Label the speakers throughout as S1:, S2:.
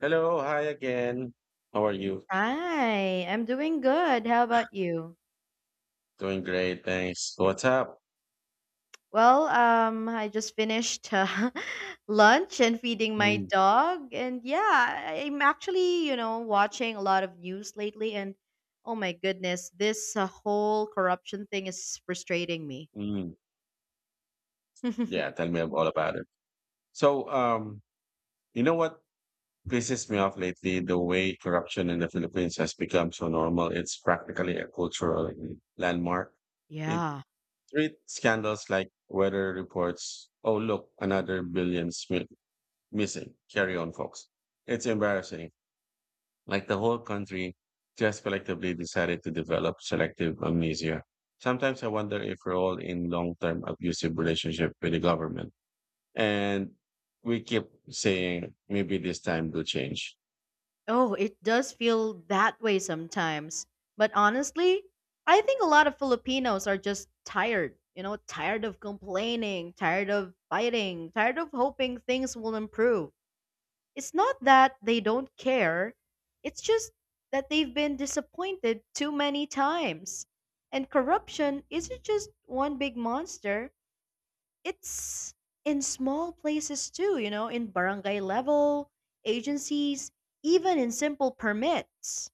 S1: Hello, hi again. How are you?
S2: Hi, I'm doing good. How about you?
S1: Doing great, thanks. What's up?
S2: Well, I just finished lunch and feeding my
S1: Mm,
S2: dog, and yeah, I'm actually, you know, watching a lot of news lately, and oh my goodness, this whole corruption thing is frustrating me.
S1: mm. Yeah, tell me all about it. So, um, you know what pisses me off lately? The way corruption in the Philippines has become so normal. It's practically a cultural landmark. It
S2: Yeah.
S1: treats scandals like weather reports. Oh, look, another missing. Carry on, folks. It's embarrassing. Like the whole country just collectively decided to develop selective amnesia. Sometimes I wonder if we're all in long term abusive relationship with the government. And we keep saying maybe this time will change.
S2: Oh, it does feel that way sometimes. But honestly, I think a lot of Filipinos are just tired, you know, tired of complaining, tired of fighting, tired of hoping things will improve. It's not that they don't care, it's just that they've been disappointed too many times. And corruption isn't just one big monster, it's in small places too, you know, in barangay level, agencies, even in simple permits.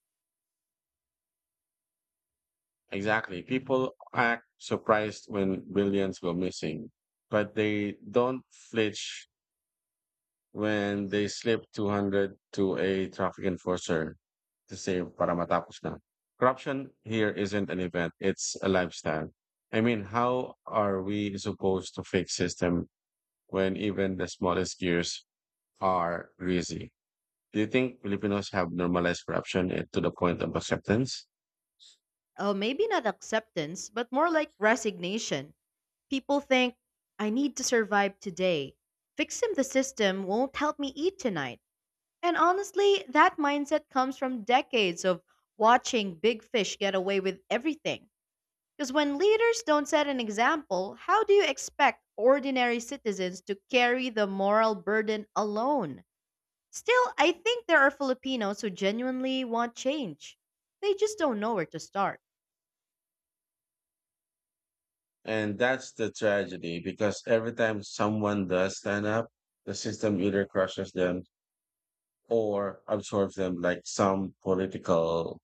S1: Exactly. People act surprised when billions go missing, but they don't flinch when they slip 200 to a traffic enforcer to save para matapos na. Corruption here isn't an event, it's a lifestyle. I mean, how are we supposed to fix system when even the smallest gears are greasy? Do you think Filipinos have normalized corruption to the point of acceptance?
S2: Oh, maybe not acceptance, but more like resignation. People think, I need to survive today. Fixing the system won't help me eat tonight. And honestly, that mindset comes from decades of watching big fish get away with everything. Because when leaders don't set an example, how do you expect ordinary citizens to carry the moral burden alone? Still, I think there are Filipinos who genuinely want change. They just don't know where to start.
S1: And that's the tragedy because every time someone does stand up, the system either crushes them or absorbs them like some political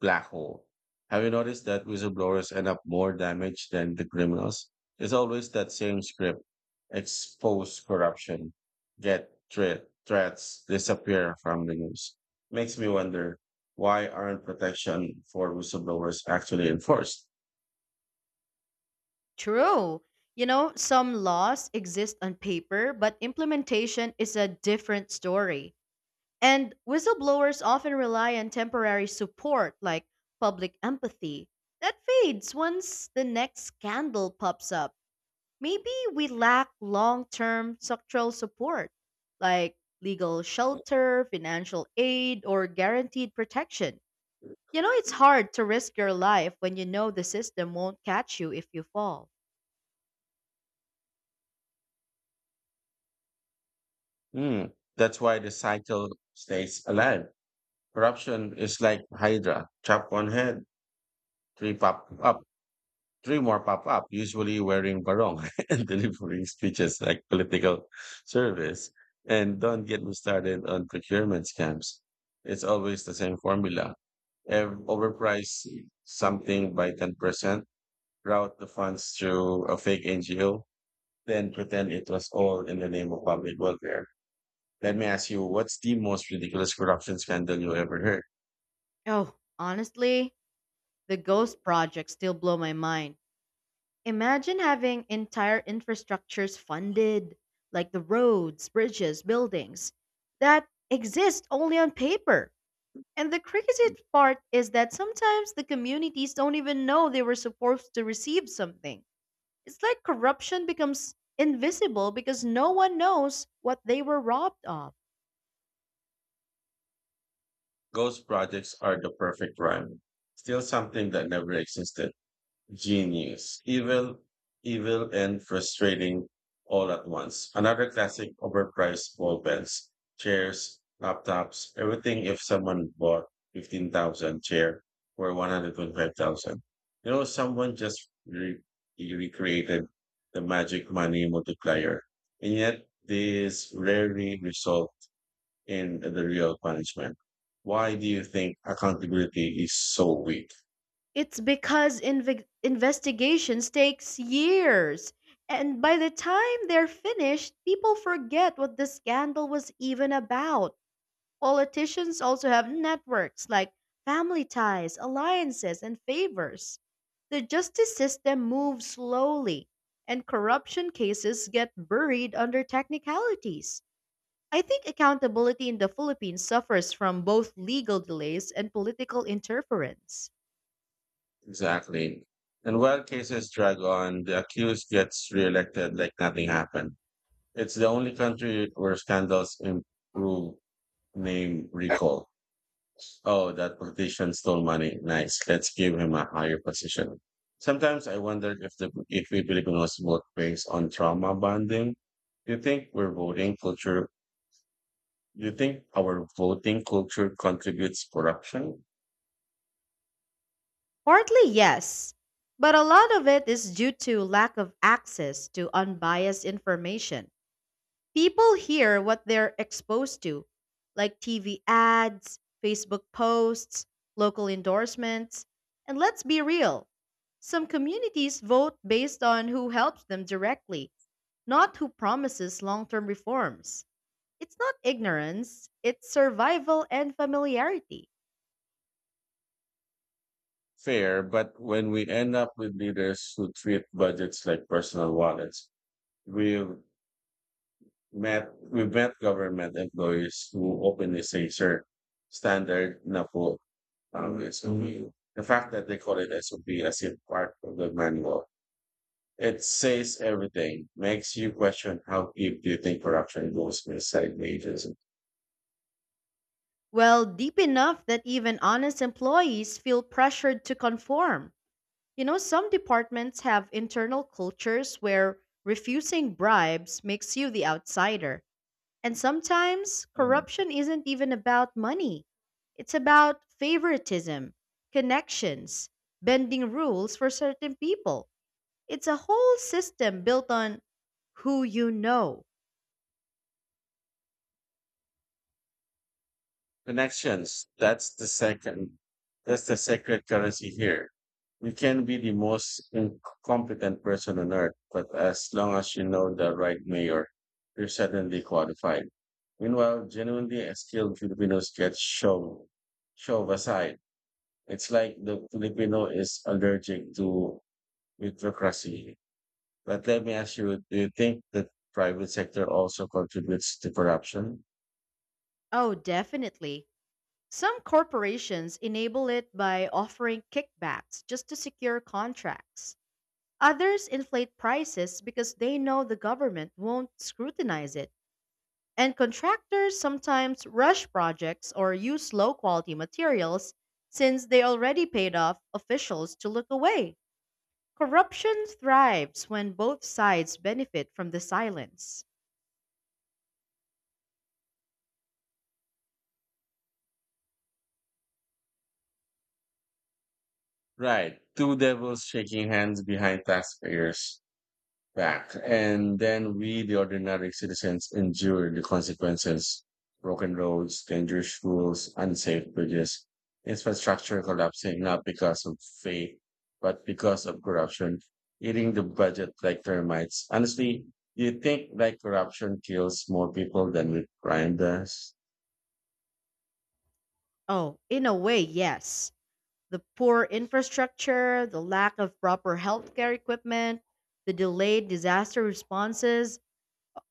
S1: black hole. Have you noticed that whistleblowers end up more damaged than the criminals? It's always that same script. Expose corruption, get threats, disappear from the news. Makes me wonder why aren't protection for whistleblowers actually enforced?
S2: True. You know, some laws exist on paper, but implementation is a different story. And whistleblowers often rely on temporary support like public empathy. That fades once the next scandal pops up. Maybe we lack long term structural support, like legal shelter, financial aid, or guaranteed protection. You know, it's hard to risk your life when you know the system won't catch you if you fall.
S1: Hmm. That's why the cycle stays alive. Corruption is like Hydra, chop one head, three pop up. Three more pop up, usually wearing barong and delivering speeches like political service. And don't get me started on procurement scams. It's always the same formula. Overprice something by 10%, route the funds through a fake NGO, then pretend it was all in the name of public welfare. Let me ask you, what's the most ridiculous corruption scandal you ever
S2: Oh, honestly, the
S1: heard?
S2: ghost project still blow my mind. Imagine having entire infrastructures funded, like the roads, bridges, buildings, that exist only on paper. And the
S1: Mm.
S2: craziest part is that sometimes the communities don't even know they were supposed to receive something. It's like corruption becomes invisible because no one knows what they were robbed of.
S1: Ghost projects are the perfect rhyme. Still something that never existed. Genius. Evil and frustrating all at once. Another classic overpriced ball pens, chairs, laptops, everything if someone bought 15,000 chair for 125,000. You know, someone just recreated the magic money multiplier. And yet this rarely results in the real punishment. Why do you think accountability is so weak?
S2: It's because investigations takes years. And by the time they're finished, people forget what the scandal was even about. Politicians also have networks like family ties, alliances, and favors. The justice system moves slowly, and corruption cases get buried under technicalities. I think accountability in the Philippines suffers from both legal delays and political interference.
S1: Exactly. And while cases drag on, the accused gets reelected like nothing happened. It's the only country where scandals improve name recall. Oh, that politician stole money. Nice. Let's give him a higher position. Sometimes I wonder if we Filipinos vote based on trauma bonding. Do you think we're voting culture? Do you think our voting culture contributes corruption?
S2: Partly, yes, but a lot of it is due to lack of access to unbiased information. People hear what they're exposed to, like TV ads, Facebook posts, local endorsements. And let's be real, some communities vote based on who helps them directly, not who promises long term reforms. It's not ignorance, it's survival and familiarity.
S1: Fair, but when we end up with leaders who treat budgets like personal wallets, we've we've met government employees who openly say, sir, standard na po ang SOP. The fact that they call it SOP as if part of the manual, it says everything, makes you question how deep do you think corruption goes inside the agency.
S2: Well, deep enough that even honest employees feel pressured to conform. You know, some departments have internal cultures where refusing bribes makes you the outsider. And sometimes corruption isn't even about money, it's about favoritism, connections, bending rules for certain people. It's a whole system built on who you know.
S1: Connections. That's the second. That's the sacred currency here. You can be the most incompetent person on earth, but as long as you know the right mayor, you're suddenly qualified. Meanwhile, genuinely skilled Filipinos get shoved aside. It's like the Filipino is allergic to bureaucracy. But let me ask you, do you think the private sector also contributes to corruption?
S2: Oh, definitely. Some corporations enable it by offering kickbacks just to secure contracts. Others inflate prices because they know the government won't scrutinize it. And contractors sometimes rush projects or use low quality materials since they already paid off officials to look away. Corruption thrives when both sides benefit from the silence.
S1: Right. Two devils shaking hands behind taxpayers' back, and then we, the ordinary citizens, endure the consequences. Broken roads, dangerous rules, unsafe bridges, infrastructure collapsing not because of faith, but because of corruption, eating the budget like termites. Honestly, do you think like corruption kills more people than with crime does?
S2: Oh, in a way, yes. The poor infrastructure, the lack of proper healthcare equipment, the delayed disaster responses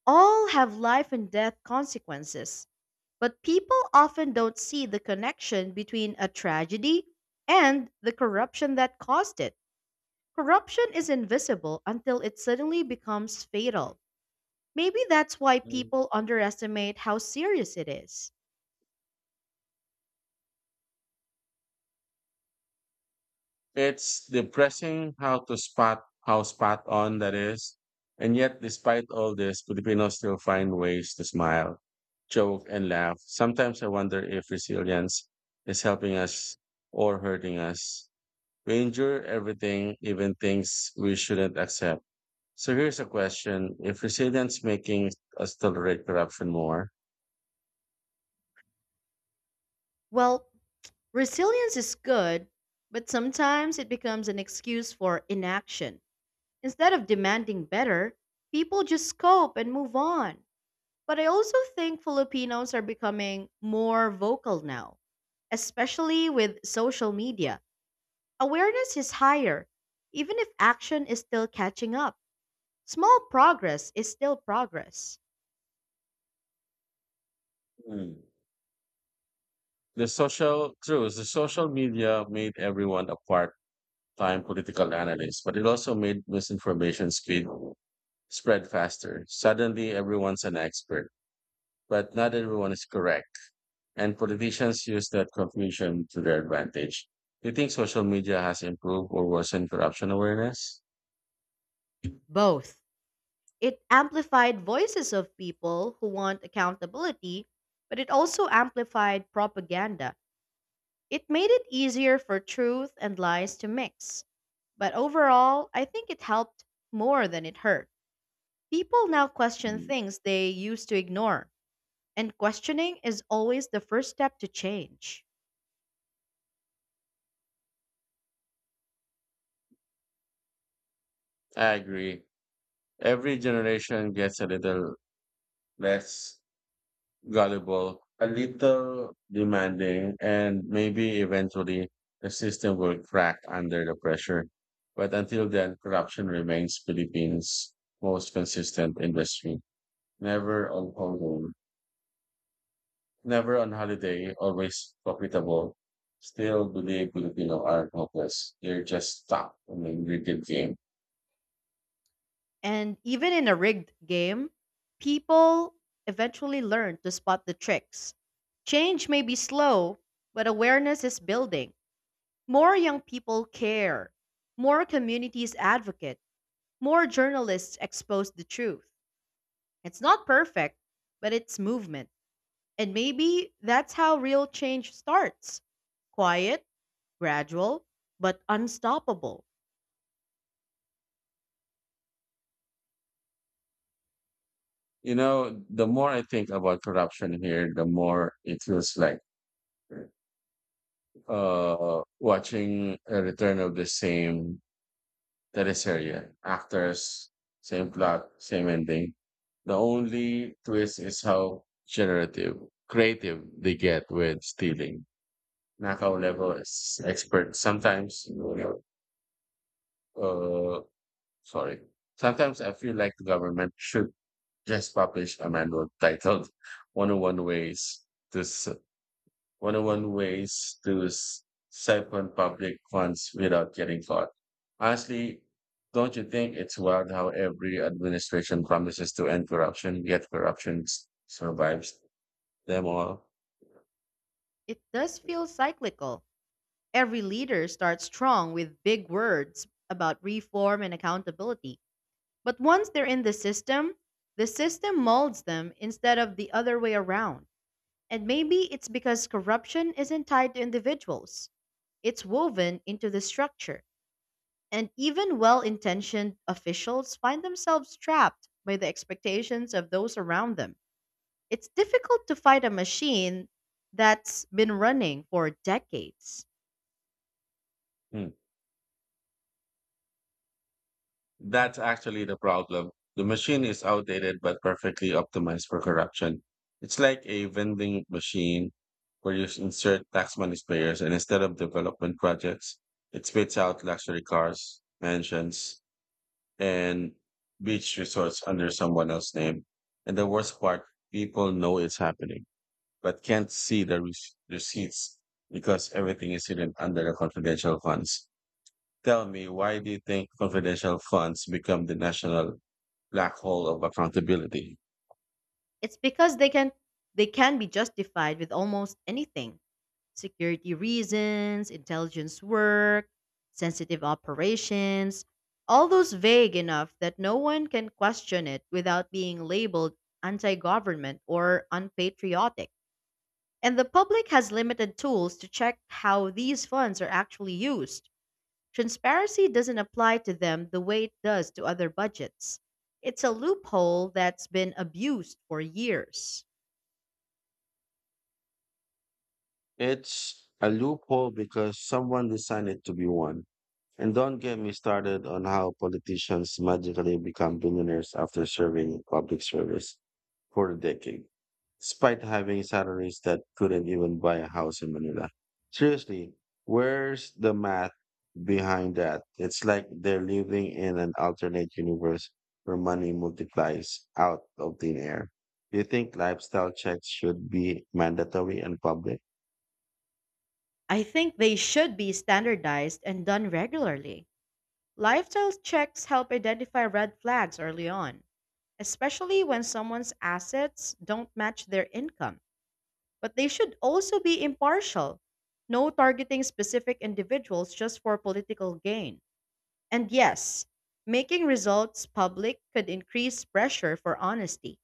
S2: all have life and death consequences. But people often don't see the connection between a tragedy and the corruption that caused it. Corruption is invisible until it suddenly becomes fatal. Maybe that's why people underestimate how serious it is.
S1: It's depressing how to spot how spot on that is. And yet, despite all this, Filipinos still find ways to smile, joke, and laugh. Sometimes I wonder if resilience is helping us or hurting us. We endure everything, even things we shouldn't accept. So here's a question. If resilience making us tolerate corruption more.
S2: Well, resilience is good, but sometimes it becomes an excuse for inaction. Instead of demanding better, people just cope and move on. But I also think Filipinos are becoming more vocal now, especially with social media. Awareness is higher, even if action is still catching up. Small progress is still progress.
S1: Hmm. The social truth, the social media made everyone a part time political analysts, but it also made misinformation speed spread faster. Suddenly, everyone's an expert, but not everyone is correct, and politicians use that confusion to their advantage. Do you think social media has improved or worsened corruption awareness?
S2: Both. It amplified voices of people who want accountability, but it also amplified propaganda. It made it easier for truth and lies to mix. But overall, I think it helped more than it hurt. People now question
S1: Mm,
S2: things they used to ignore, and questioning is always the first step to change.
S1: I agree. Every generation gets a little less gullible, a little demanding, and maybe eventually the system will crack under the pressure. But until then, corruption remains Philippines' most consistent industry. Never on holiday, never on holiday, always profitable. Still believe Filipino aren't hopeless. They're just stuck in the ingredient game.
S2: And even in a rigged game, people eventually learn to spot the tricks. Change may be slow, but awareness is building. More young people care, more communities advocate. More journalists expose the truth. It's not perfect, but it's movement. And maybe that's how real change starts. Quiet, gradual, but unstoppable.
S1: You know, the more I think about corruption here, the more it feels like watching a return of the same teleserye actors, same plot, same ending. The only twist is how generative creative they get with stealing. Nakao level is expert sometimes. Uh sorry Sometimes I feel like the government should just publish a manual titled 101 ways to 101 ways to siphon public funds without getting caught. Honestly, don't you think it's wild how every administration promises to end corruption, yet corruption survives them all?
S2: It does feel cyclical. Every leader starts strong with big words about reform and accountability. But once they're in the system molds them instead of the other way around. And maybe it's because corruption isn't tied to individuals, it's woven into the structure. And even well intentioned officials find themselves trapped by the expectations of those around them. It's difficult to fight a machine that's been running for decades.
S1: Hmm. That's actually the problem. The machine is outdated but perfectly optimized for corruption. It's like a vending machine where you insert tax money payers and instead of development projects, it spits out luxury cars, mansions, and beach resorts under someone else's name. And the worst part, people know it's happening, but can't see the receipts because everything is hidden under the confidential funds. Tell me, why do you think confidential funds become the national black hole of accountability?
S2: It's because they can be justified with almost anything. Security reasons, intelligence work, sensitive operations, all those vague enough that no one can question it without being labeled anti-government or unpatriotic. And the public has limited tools to check how these funds are actually used. Transparency doesn't apply to them the way it does to other budgets. It's a loophole that's been abused for years.
S1: It's a loophole because someone designed it to be one. And don't get me started on how politicians magically become billionaires after serving public service for a decade, despite having salaries that couldn't even buy a house in Manila. Seriously, where's the math behind that? It's like they're living in an alternate universe where money multiplies out of thin air. Do you think lifestyle checks should be mandatory and public?
S2: I think they should be standardized and done regularly. Lifestyle checks help identify red flags early on, especially when someone's assets don't match their income. But they should also be impartial. No targeting specific individuals just for political gain. And yes, making results public could increase pressure for honesty.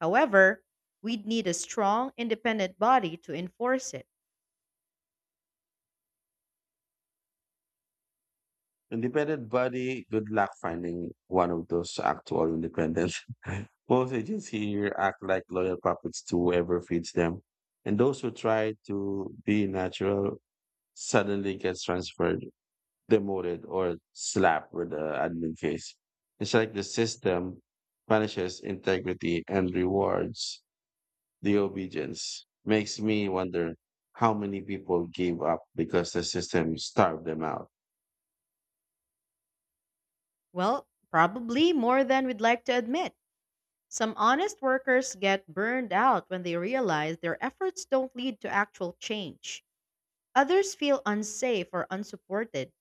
S2: However, we'd need a strong, independent body to enforce it.
S1: Independent body, good luck finding one of those actual independent. Most agents here act like loyal puppets to whoever feeds them. And those who try to be natural suddenly gets transferred, demoted, or slapped with the admin case. It's like the system punishes integrity and rewards the obedience. Makes me wonder how many people gave up because the system starved them out.
S2: Well, probably more than we'd like to admit. Some honest workers get burned out when they realize their efforts don't lead to actual change. Others feel unsafe or unsupported,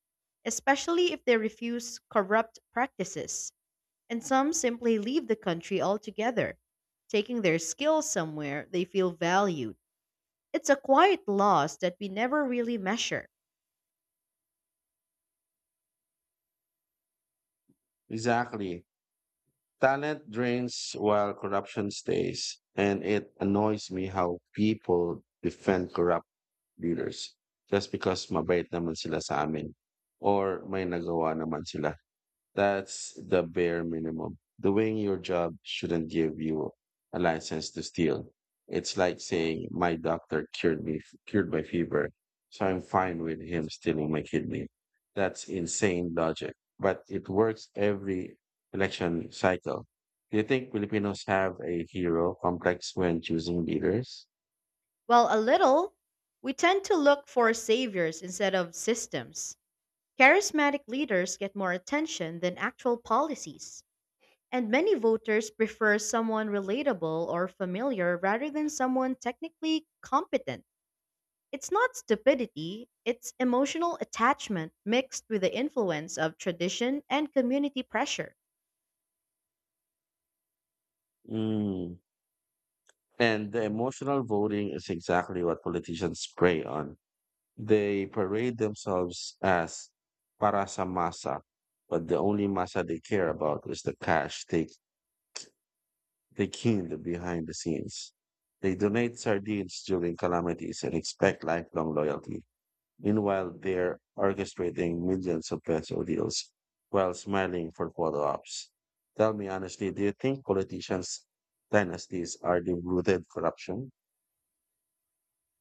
S2: especially if they refuse corrupt practices. And some simply leave the country altogether, taking their skills somewhere they feel valued. It's a quiet loss that we never really measure.
S1: Exactly. Talent drains while corruption stays, and it annoys me how people defend corrupt leaders just because mabait naman sila sa amin or may nagawa naman sila. That's the bare minimum. Doing your job shouldn't give you a license to steal. It's like saying my doctor cured my fever, so I'm fine with him stealing my kidney. That's insane logic, but it works every election cycle. Do you think Filipinos have a hero complex when choosing leaders?
S2: While a little, we tend to look for saviors instead of systems. Charismatic leaders get more attention than actual policies, and many voters prefer someone relatable or familiar rather than someone technically competent. It's not stupidity, it's emotional attachment mixed with the influence of tradition and community pressure.
S1: Mm. And the emotional voting is exactly what politicians prey on. They parade themselves as para sa masa, but the only masa they care about is the cash they cleaned behind the scenes. They donate sardines during calamities and expect lifelong loyalty. Meanwhile, they're orchestrating millions of peso deals while smiling for photo ops. Tell me honestly, do you think politicians' dynasties are the rooted corruption?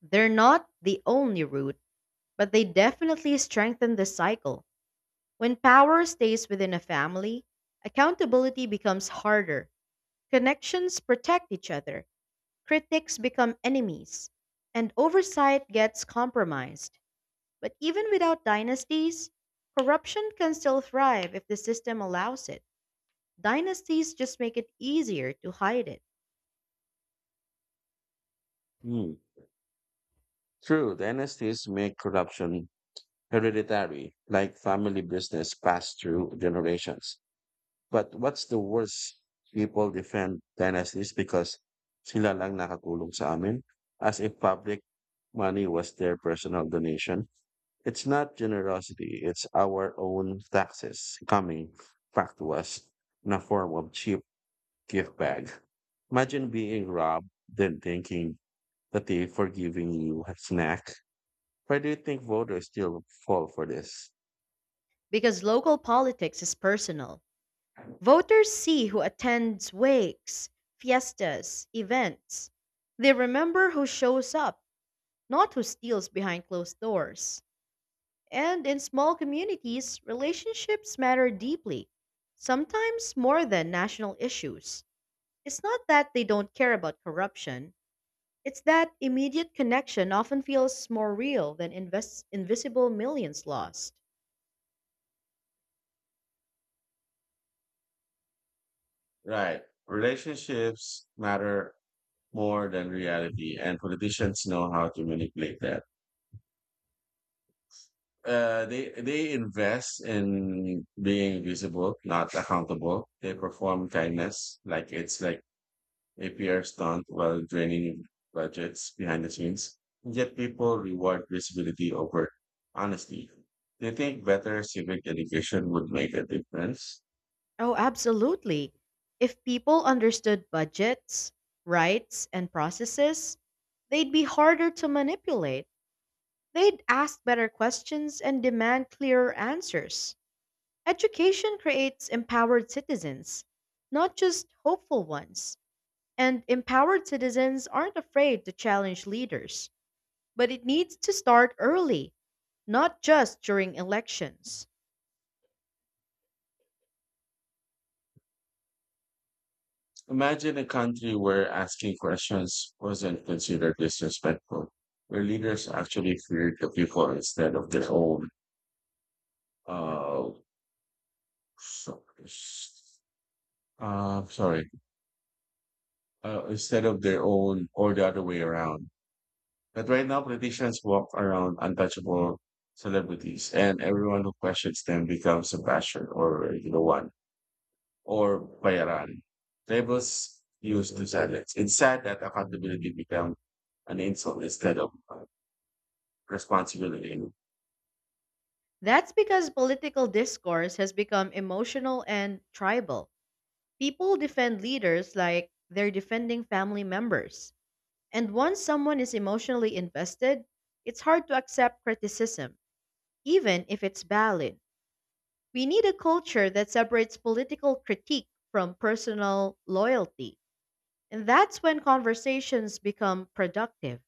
S2: They're not the only root, but they definitely strengthen the cycle. When power stays within a family, accountability becomes harder. Connections protect each other, critics become enemies, and oversight gets compromised. But even without dynasties, corruption can still thrive if the system allows it. Dynasties just make it easier to hide it
S1: Hmm. True, dynasties make corruption hereditary, like family business passed through generations. But what's the worst? People defend dynasties because sila lang nakatulong sa amin, as if public money was their personal donation. It's not generosity. It's our own taxes coming back to us in a form of cheap gift bag. Imagine being robbed, then thinking that they for giving you a snack. Why do you think voters still fall for this?
S2: because local politics is personal. Voters see who attends wakes, fiestas, events. They remember who shows up, not who steals behind closed doors. And in small communities, relationships matter deeply, sometimes more than national issues. It's not that they don't care about corruption, it's that immediate connection often feels more real than invisible millions lost.
S1: Right. Relationships matter more than reality, and politicians know how to manipulate that. They invest in being visible, not accountable. They perform kindness like it's like a PR stunt while draining budgets behind the scenes. Yet people reward visibility over honesty. They think better civic education would make a difference.
S2: Oh, absolutely. If people understood budgets, rights, and processes, they'd be harder to manipulate. They'd ask better questions and demand clearer answers. Education creates empowered citizens, not just hopeful ones. And empowered citizens aren't afraid to challenge leaders, but it needs to start early, not just during elections.
S1: Imagine a country where asking questions wasn't considered disrespectful, where leaders actually feared the people instead of their own, uh, so- uh, sorry, instead of their own or the other way around. But right now, politicians walk around untouchable celebrities, and everyone who questions them becomes a basher or you know what, or bayaran. Labels used to silence. It's sad that accountability become an insult instead of responsibility.
S2: That's because political discourse has become emotional and tribal. People defend leaders like they're defending family members. And once someone is emotionally invested, it's hard to accept criticism, even if it's valid. We need a culture that separates political critique from personal loyalty. And that's when conversations become productive.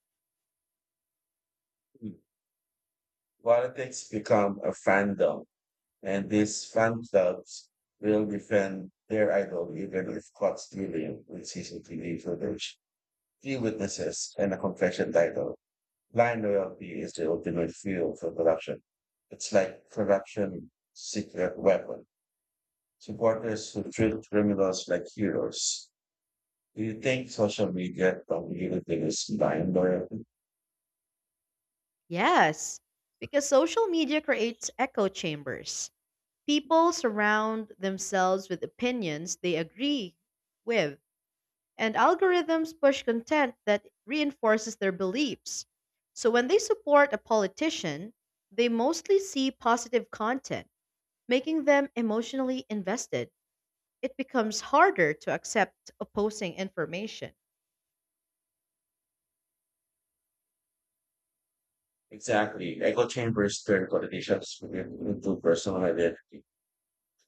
S1: Politics become a fandom, and these fan clubs will defend their idol even if caught stealing with CCTV footage, key witnesses, and a confession title. Blind loyalty is the ultimate fuel for corruption. It's like corruption secret weapon, supporters who treat criminals like heroes. Do you think social media communities blind or
S2: Yes, because social media creates echo chambers. People surround themselves with opinions they agree with, and algorithms push content that reinforces their beliefs. So when they support a politician, they mostly see positive content, making them emotionally invested. It becomes harder to accept opposing information.
S1: Exactly. Echo chambers turn politicians into personal identity,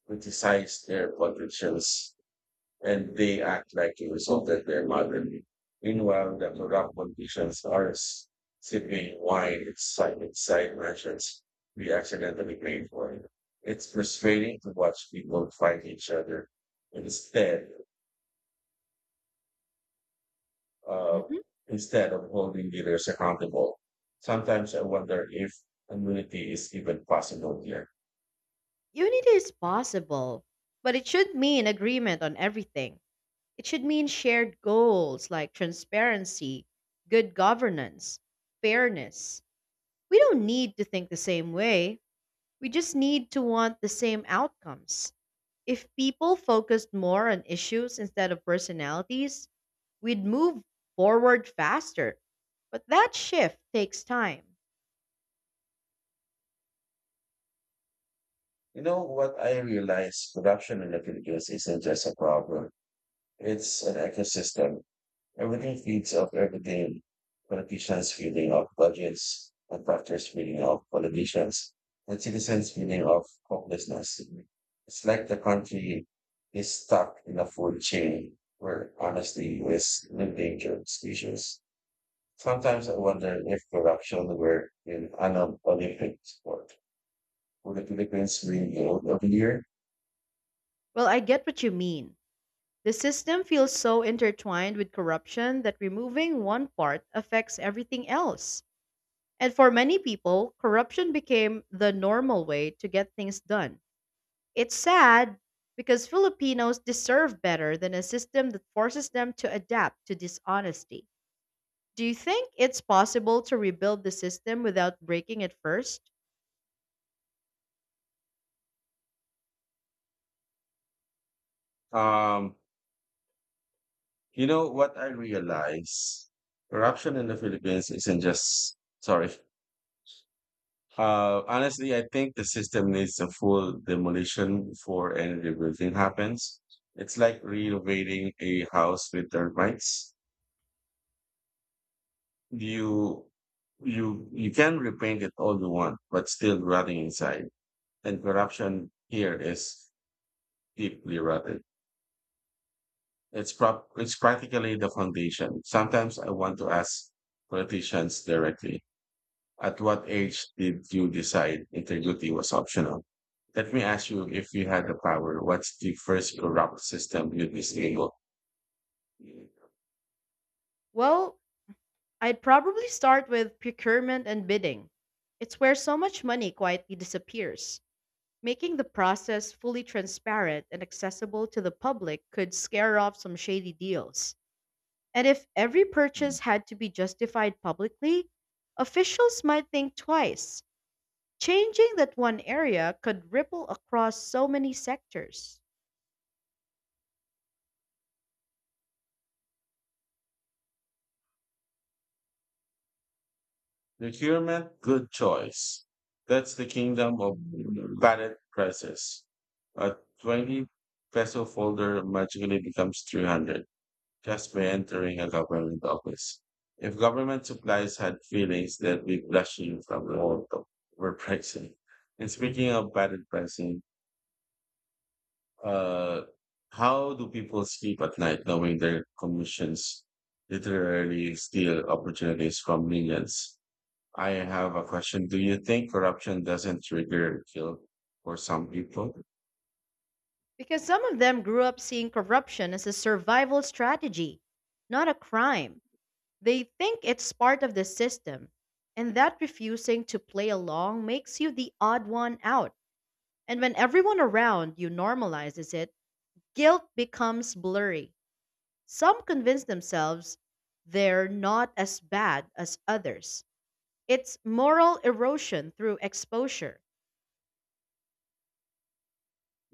S1: criticize their politicians, and they act like it resulted their motherly. Meanwhile, the corrupt politicians are sipping wine inside mansions we accidentally paid for. It's frustrating to watch people fight each other. Instead, uh,
S2: Mhm.
S1: Instead of holding leaders accountable. Sometimes I wonder if immunity is even possible here.
S2: Unity is possible, but it should mean agreement on everything. It should mean shared goals like transparency, good governance, fairness. We don't need to think the same way. We just need to want the same outcomes. If people focused more on issues instead of personalities, we'd move forward faster. But that shift takes time.
S1: You know what I realize corruption in the Philippines isn't just a problem. It's an ecosystem. Everything feeds off everything. Politicians feeding off budgets, contractors feeding off politicians, and citizens feeding off hopelessness. It's like the country is stuck in a food chain where honesty is an endangered species. Sometimes I wonder if corruption were in an Olympic sport. Would the Philippines win gold every year?
S2: Well, I get what you mean. The system feels so intertwined with corruption that removing one part affects everything else. And for many people, corruption became the normal way to get things done. It's sad because Filipinos deserve better than a system that forces them to adapt to dishonesty. Do you think it's possible to rebuild the system without breaking it first?
S1: Um, you know what I realize? Corruption in the Philippines isn't just, sorry. Honestly, I think the system needs a full demolition before any rebuilding happens. It's like renovating a house with termites. You, you can repaint it all you want, but still rotting inside and corruption here is deeply rooted. It's practically the foundation. Sometimes I want to ask politicians directly, at what age did you decide integrity was optional? Let me ask you, if you had the power, what's the first corrupt system you'd disable?
S2: Well, I'd probably start with procurement and bidding. It's where so much money quietly disappears. Making the process fully transparent and accessible to the public could scare off some shady deals. And if every purchase had to be justified publicly, officials might think twice. Changing that one area could ripple across so many sectors.
S1: Procurement, good choice. That's the kingdom of ballot prices. A 20 peso folder magically becomes 300, just by entering a government office. If government supplies had feelings, they'd be blushing from the overpricing. Pricing. And speaking of bad pricing, uh, how do people sleep at night knowing their commissions literally steal opportunities from millions? I have a question. Do you think corruption doesn't trigger guilt for some people?
S2: Because some of them grew up seeing corruption as a survival strategy, not a crime. They think it's part of the system. And that refusing to play along makes you the odd one out. And when everyone around you normalizes it, guilt becomes blurry. Some convince themselves they're not as bad as others. It's moral erosion through exposure.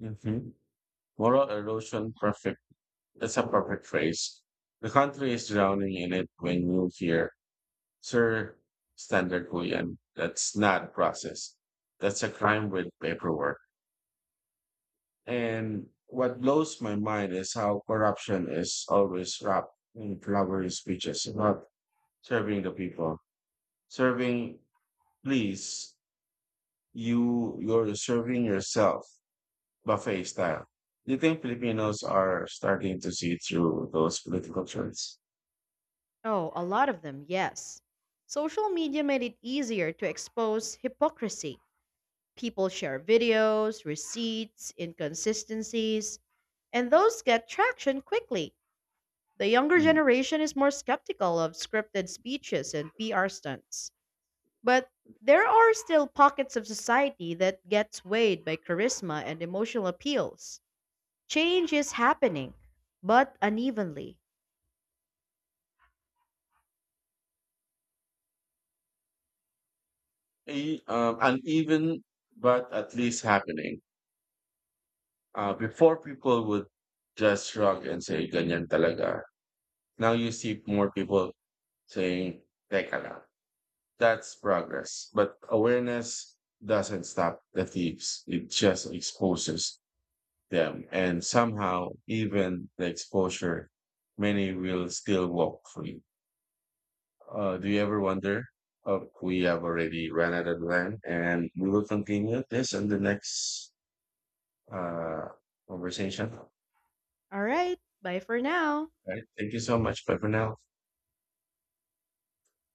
S1: Mhm. Moral erosion perfect. That's a perfect phrase. The country is drowning in it when you hear, sir, standard Korean. That's not process. That's a crime with paperwork. And what blows my mind is how corruption is always wrapped in flowery speeches about serving the people. Serving, please, you're serving yourself, buffet style. Do you think Filipinos are starting to see through those political trends?
S2: Oh, a lot of them, yes. Social media made it easier to expose hypocrisy. People share videos, receipts, inconsistencies, and those get traction quickly. The younger generation is more skeptical of scripted speeches and PR stunts. But there are still pockets of society that gets swayed by charisma and emotional appeals. Change is happening, but unevenly.
S1: Uneven, but at least happening. Before people would just shrug and say, ganyan talaga. Now you see more people saying, teka lang. That's progress. But awareness doesn't stop the thieves. It just exposes them. And somehow, even the exposure, many will still walk free. Do you ever wonder if we have already run out of time and we will continue this in the next uh, conversation.
S2: All right, bye for now.
S1: Right. Thank you so much. Bye for now.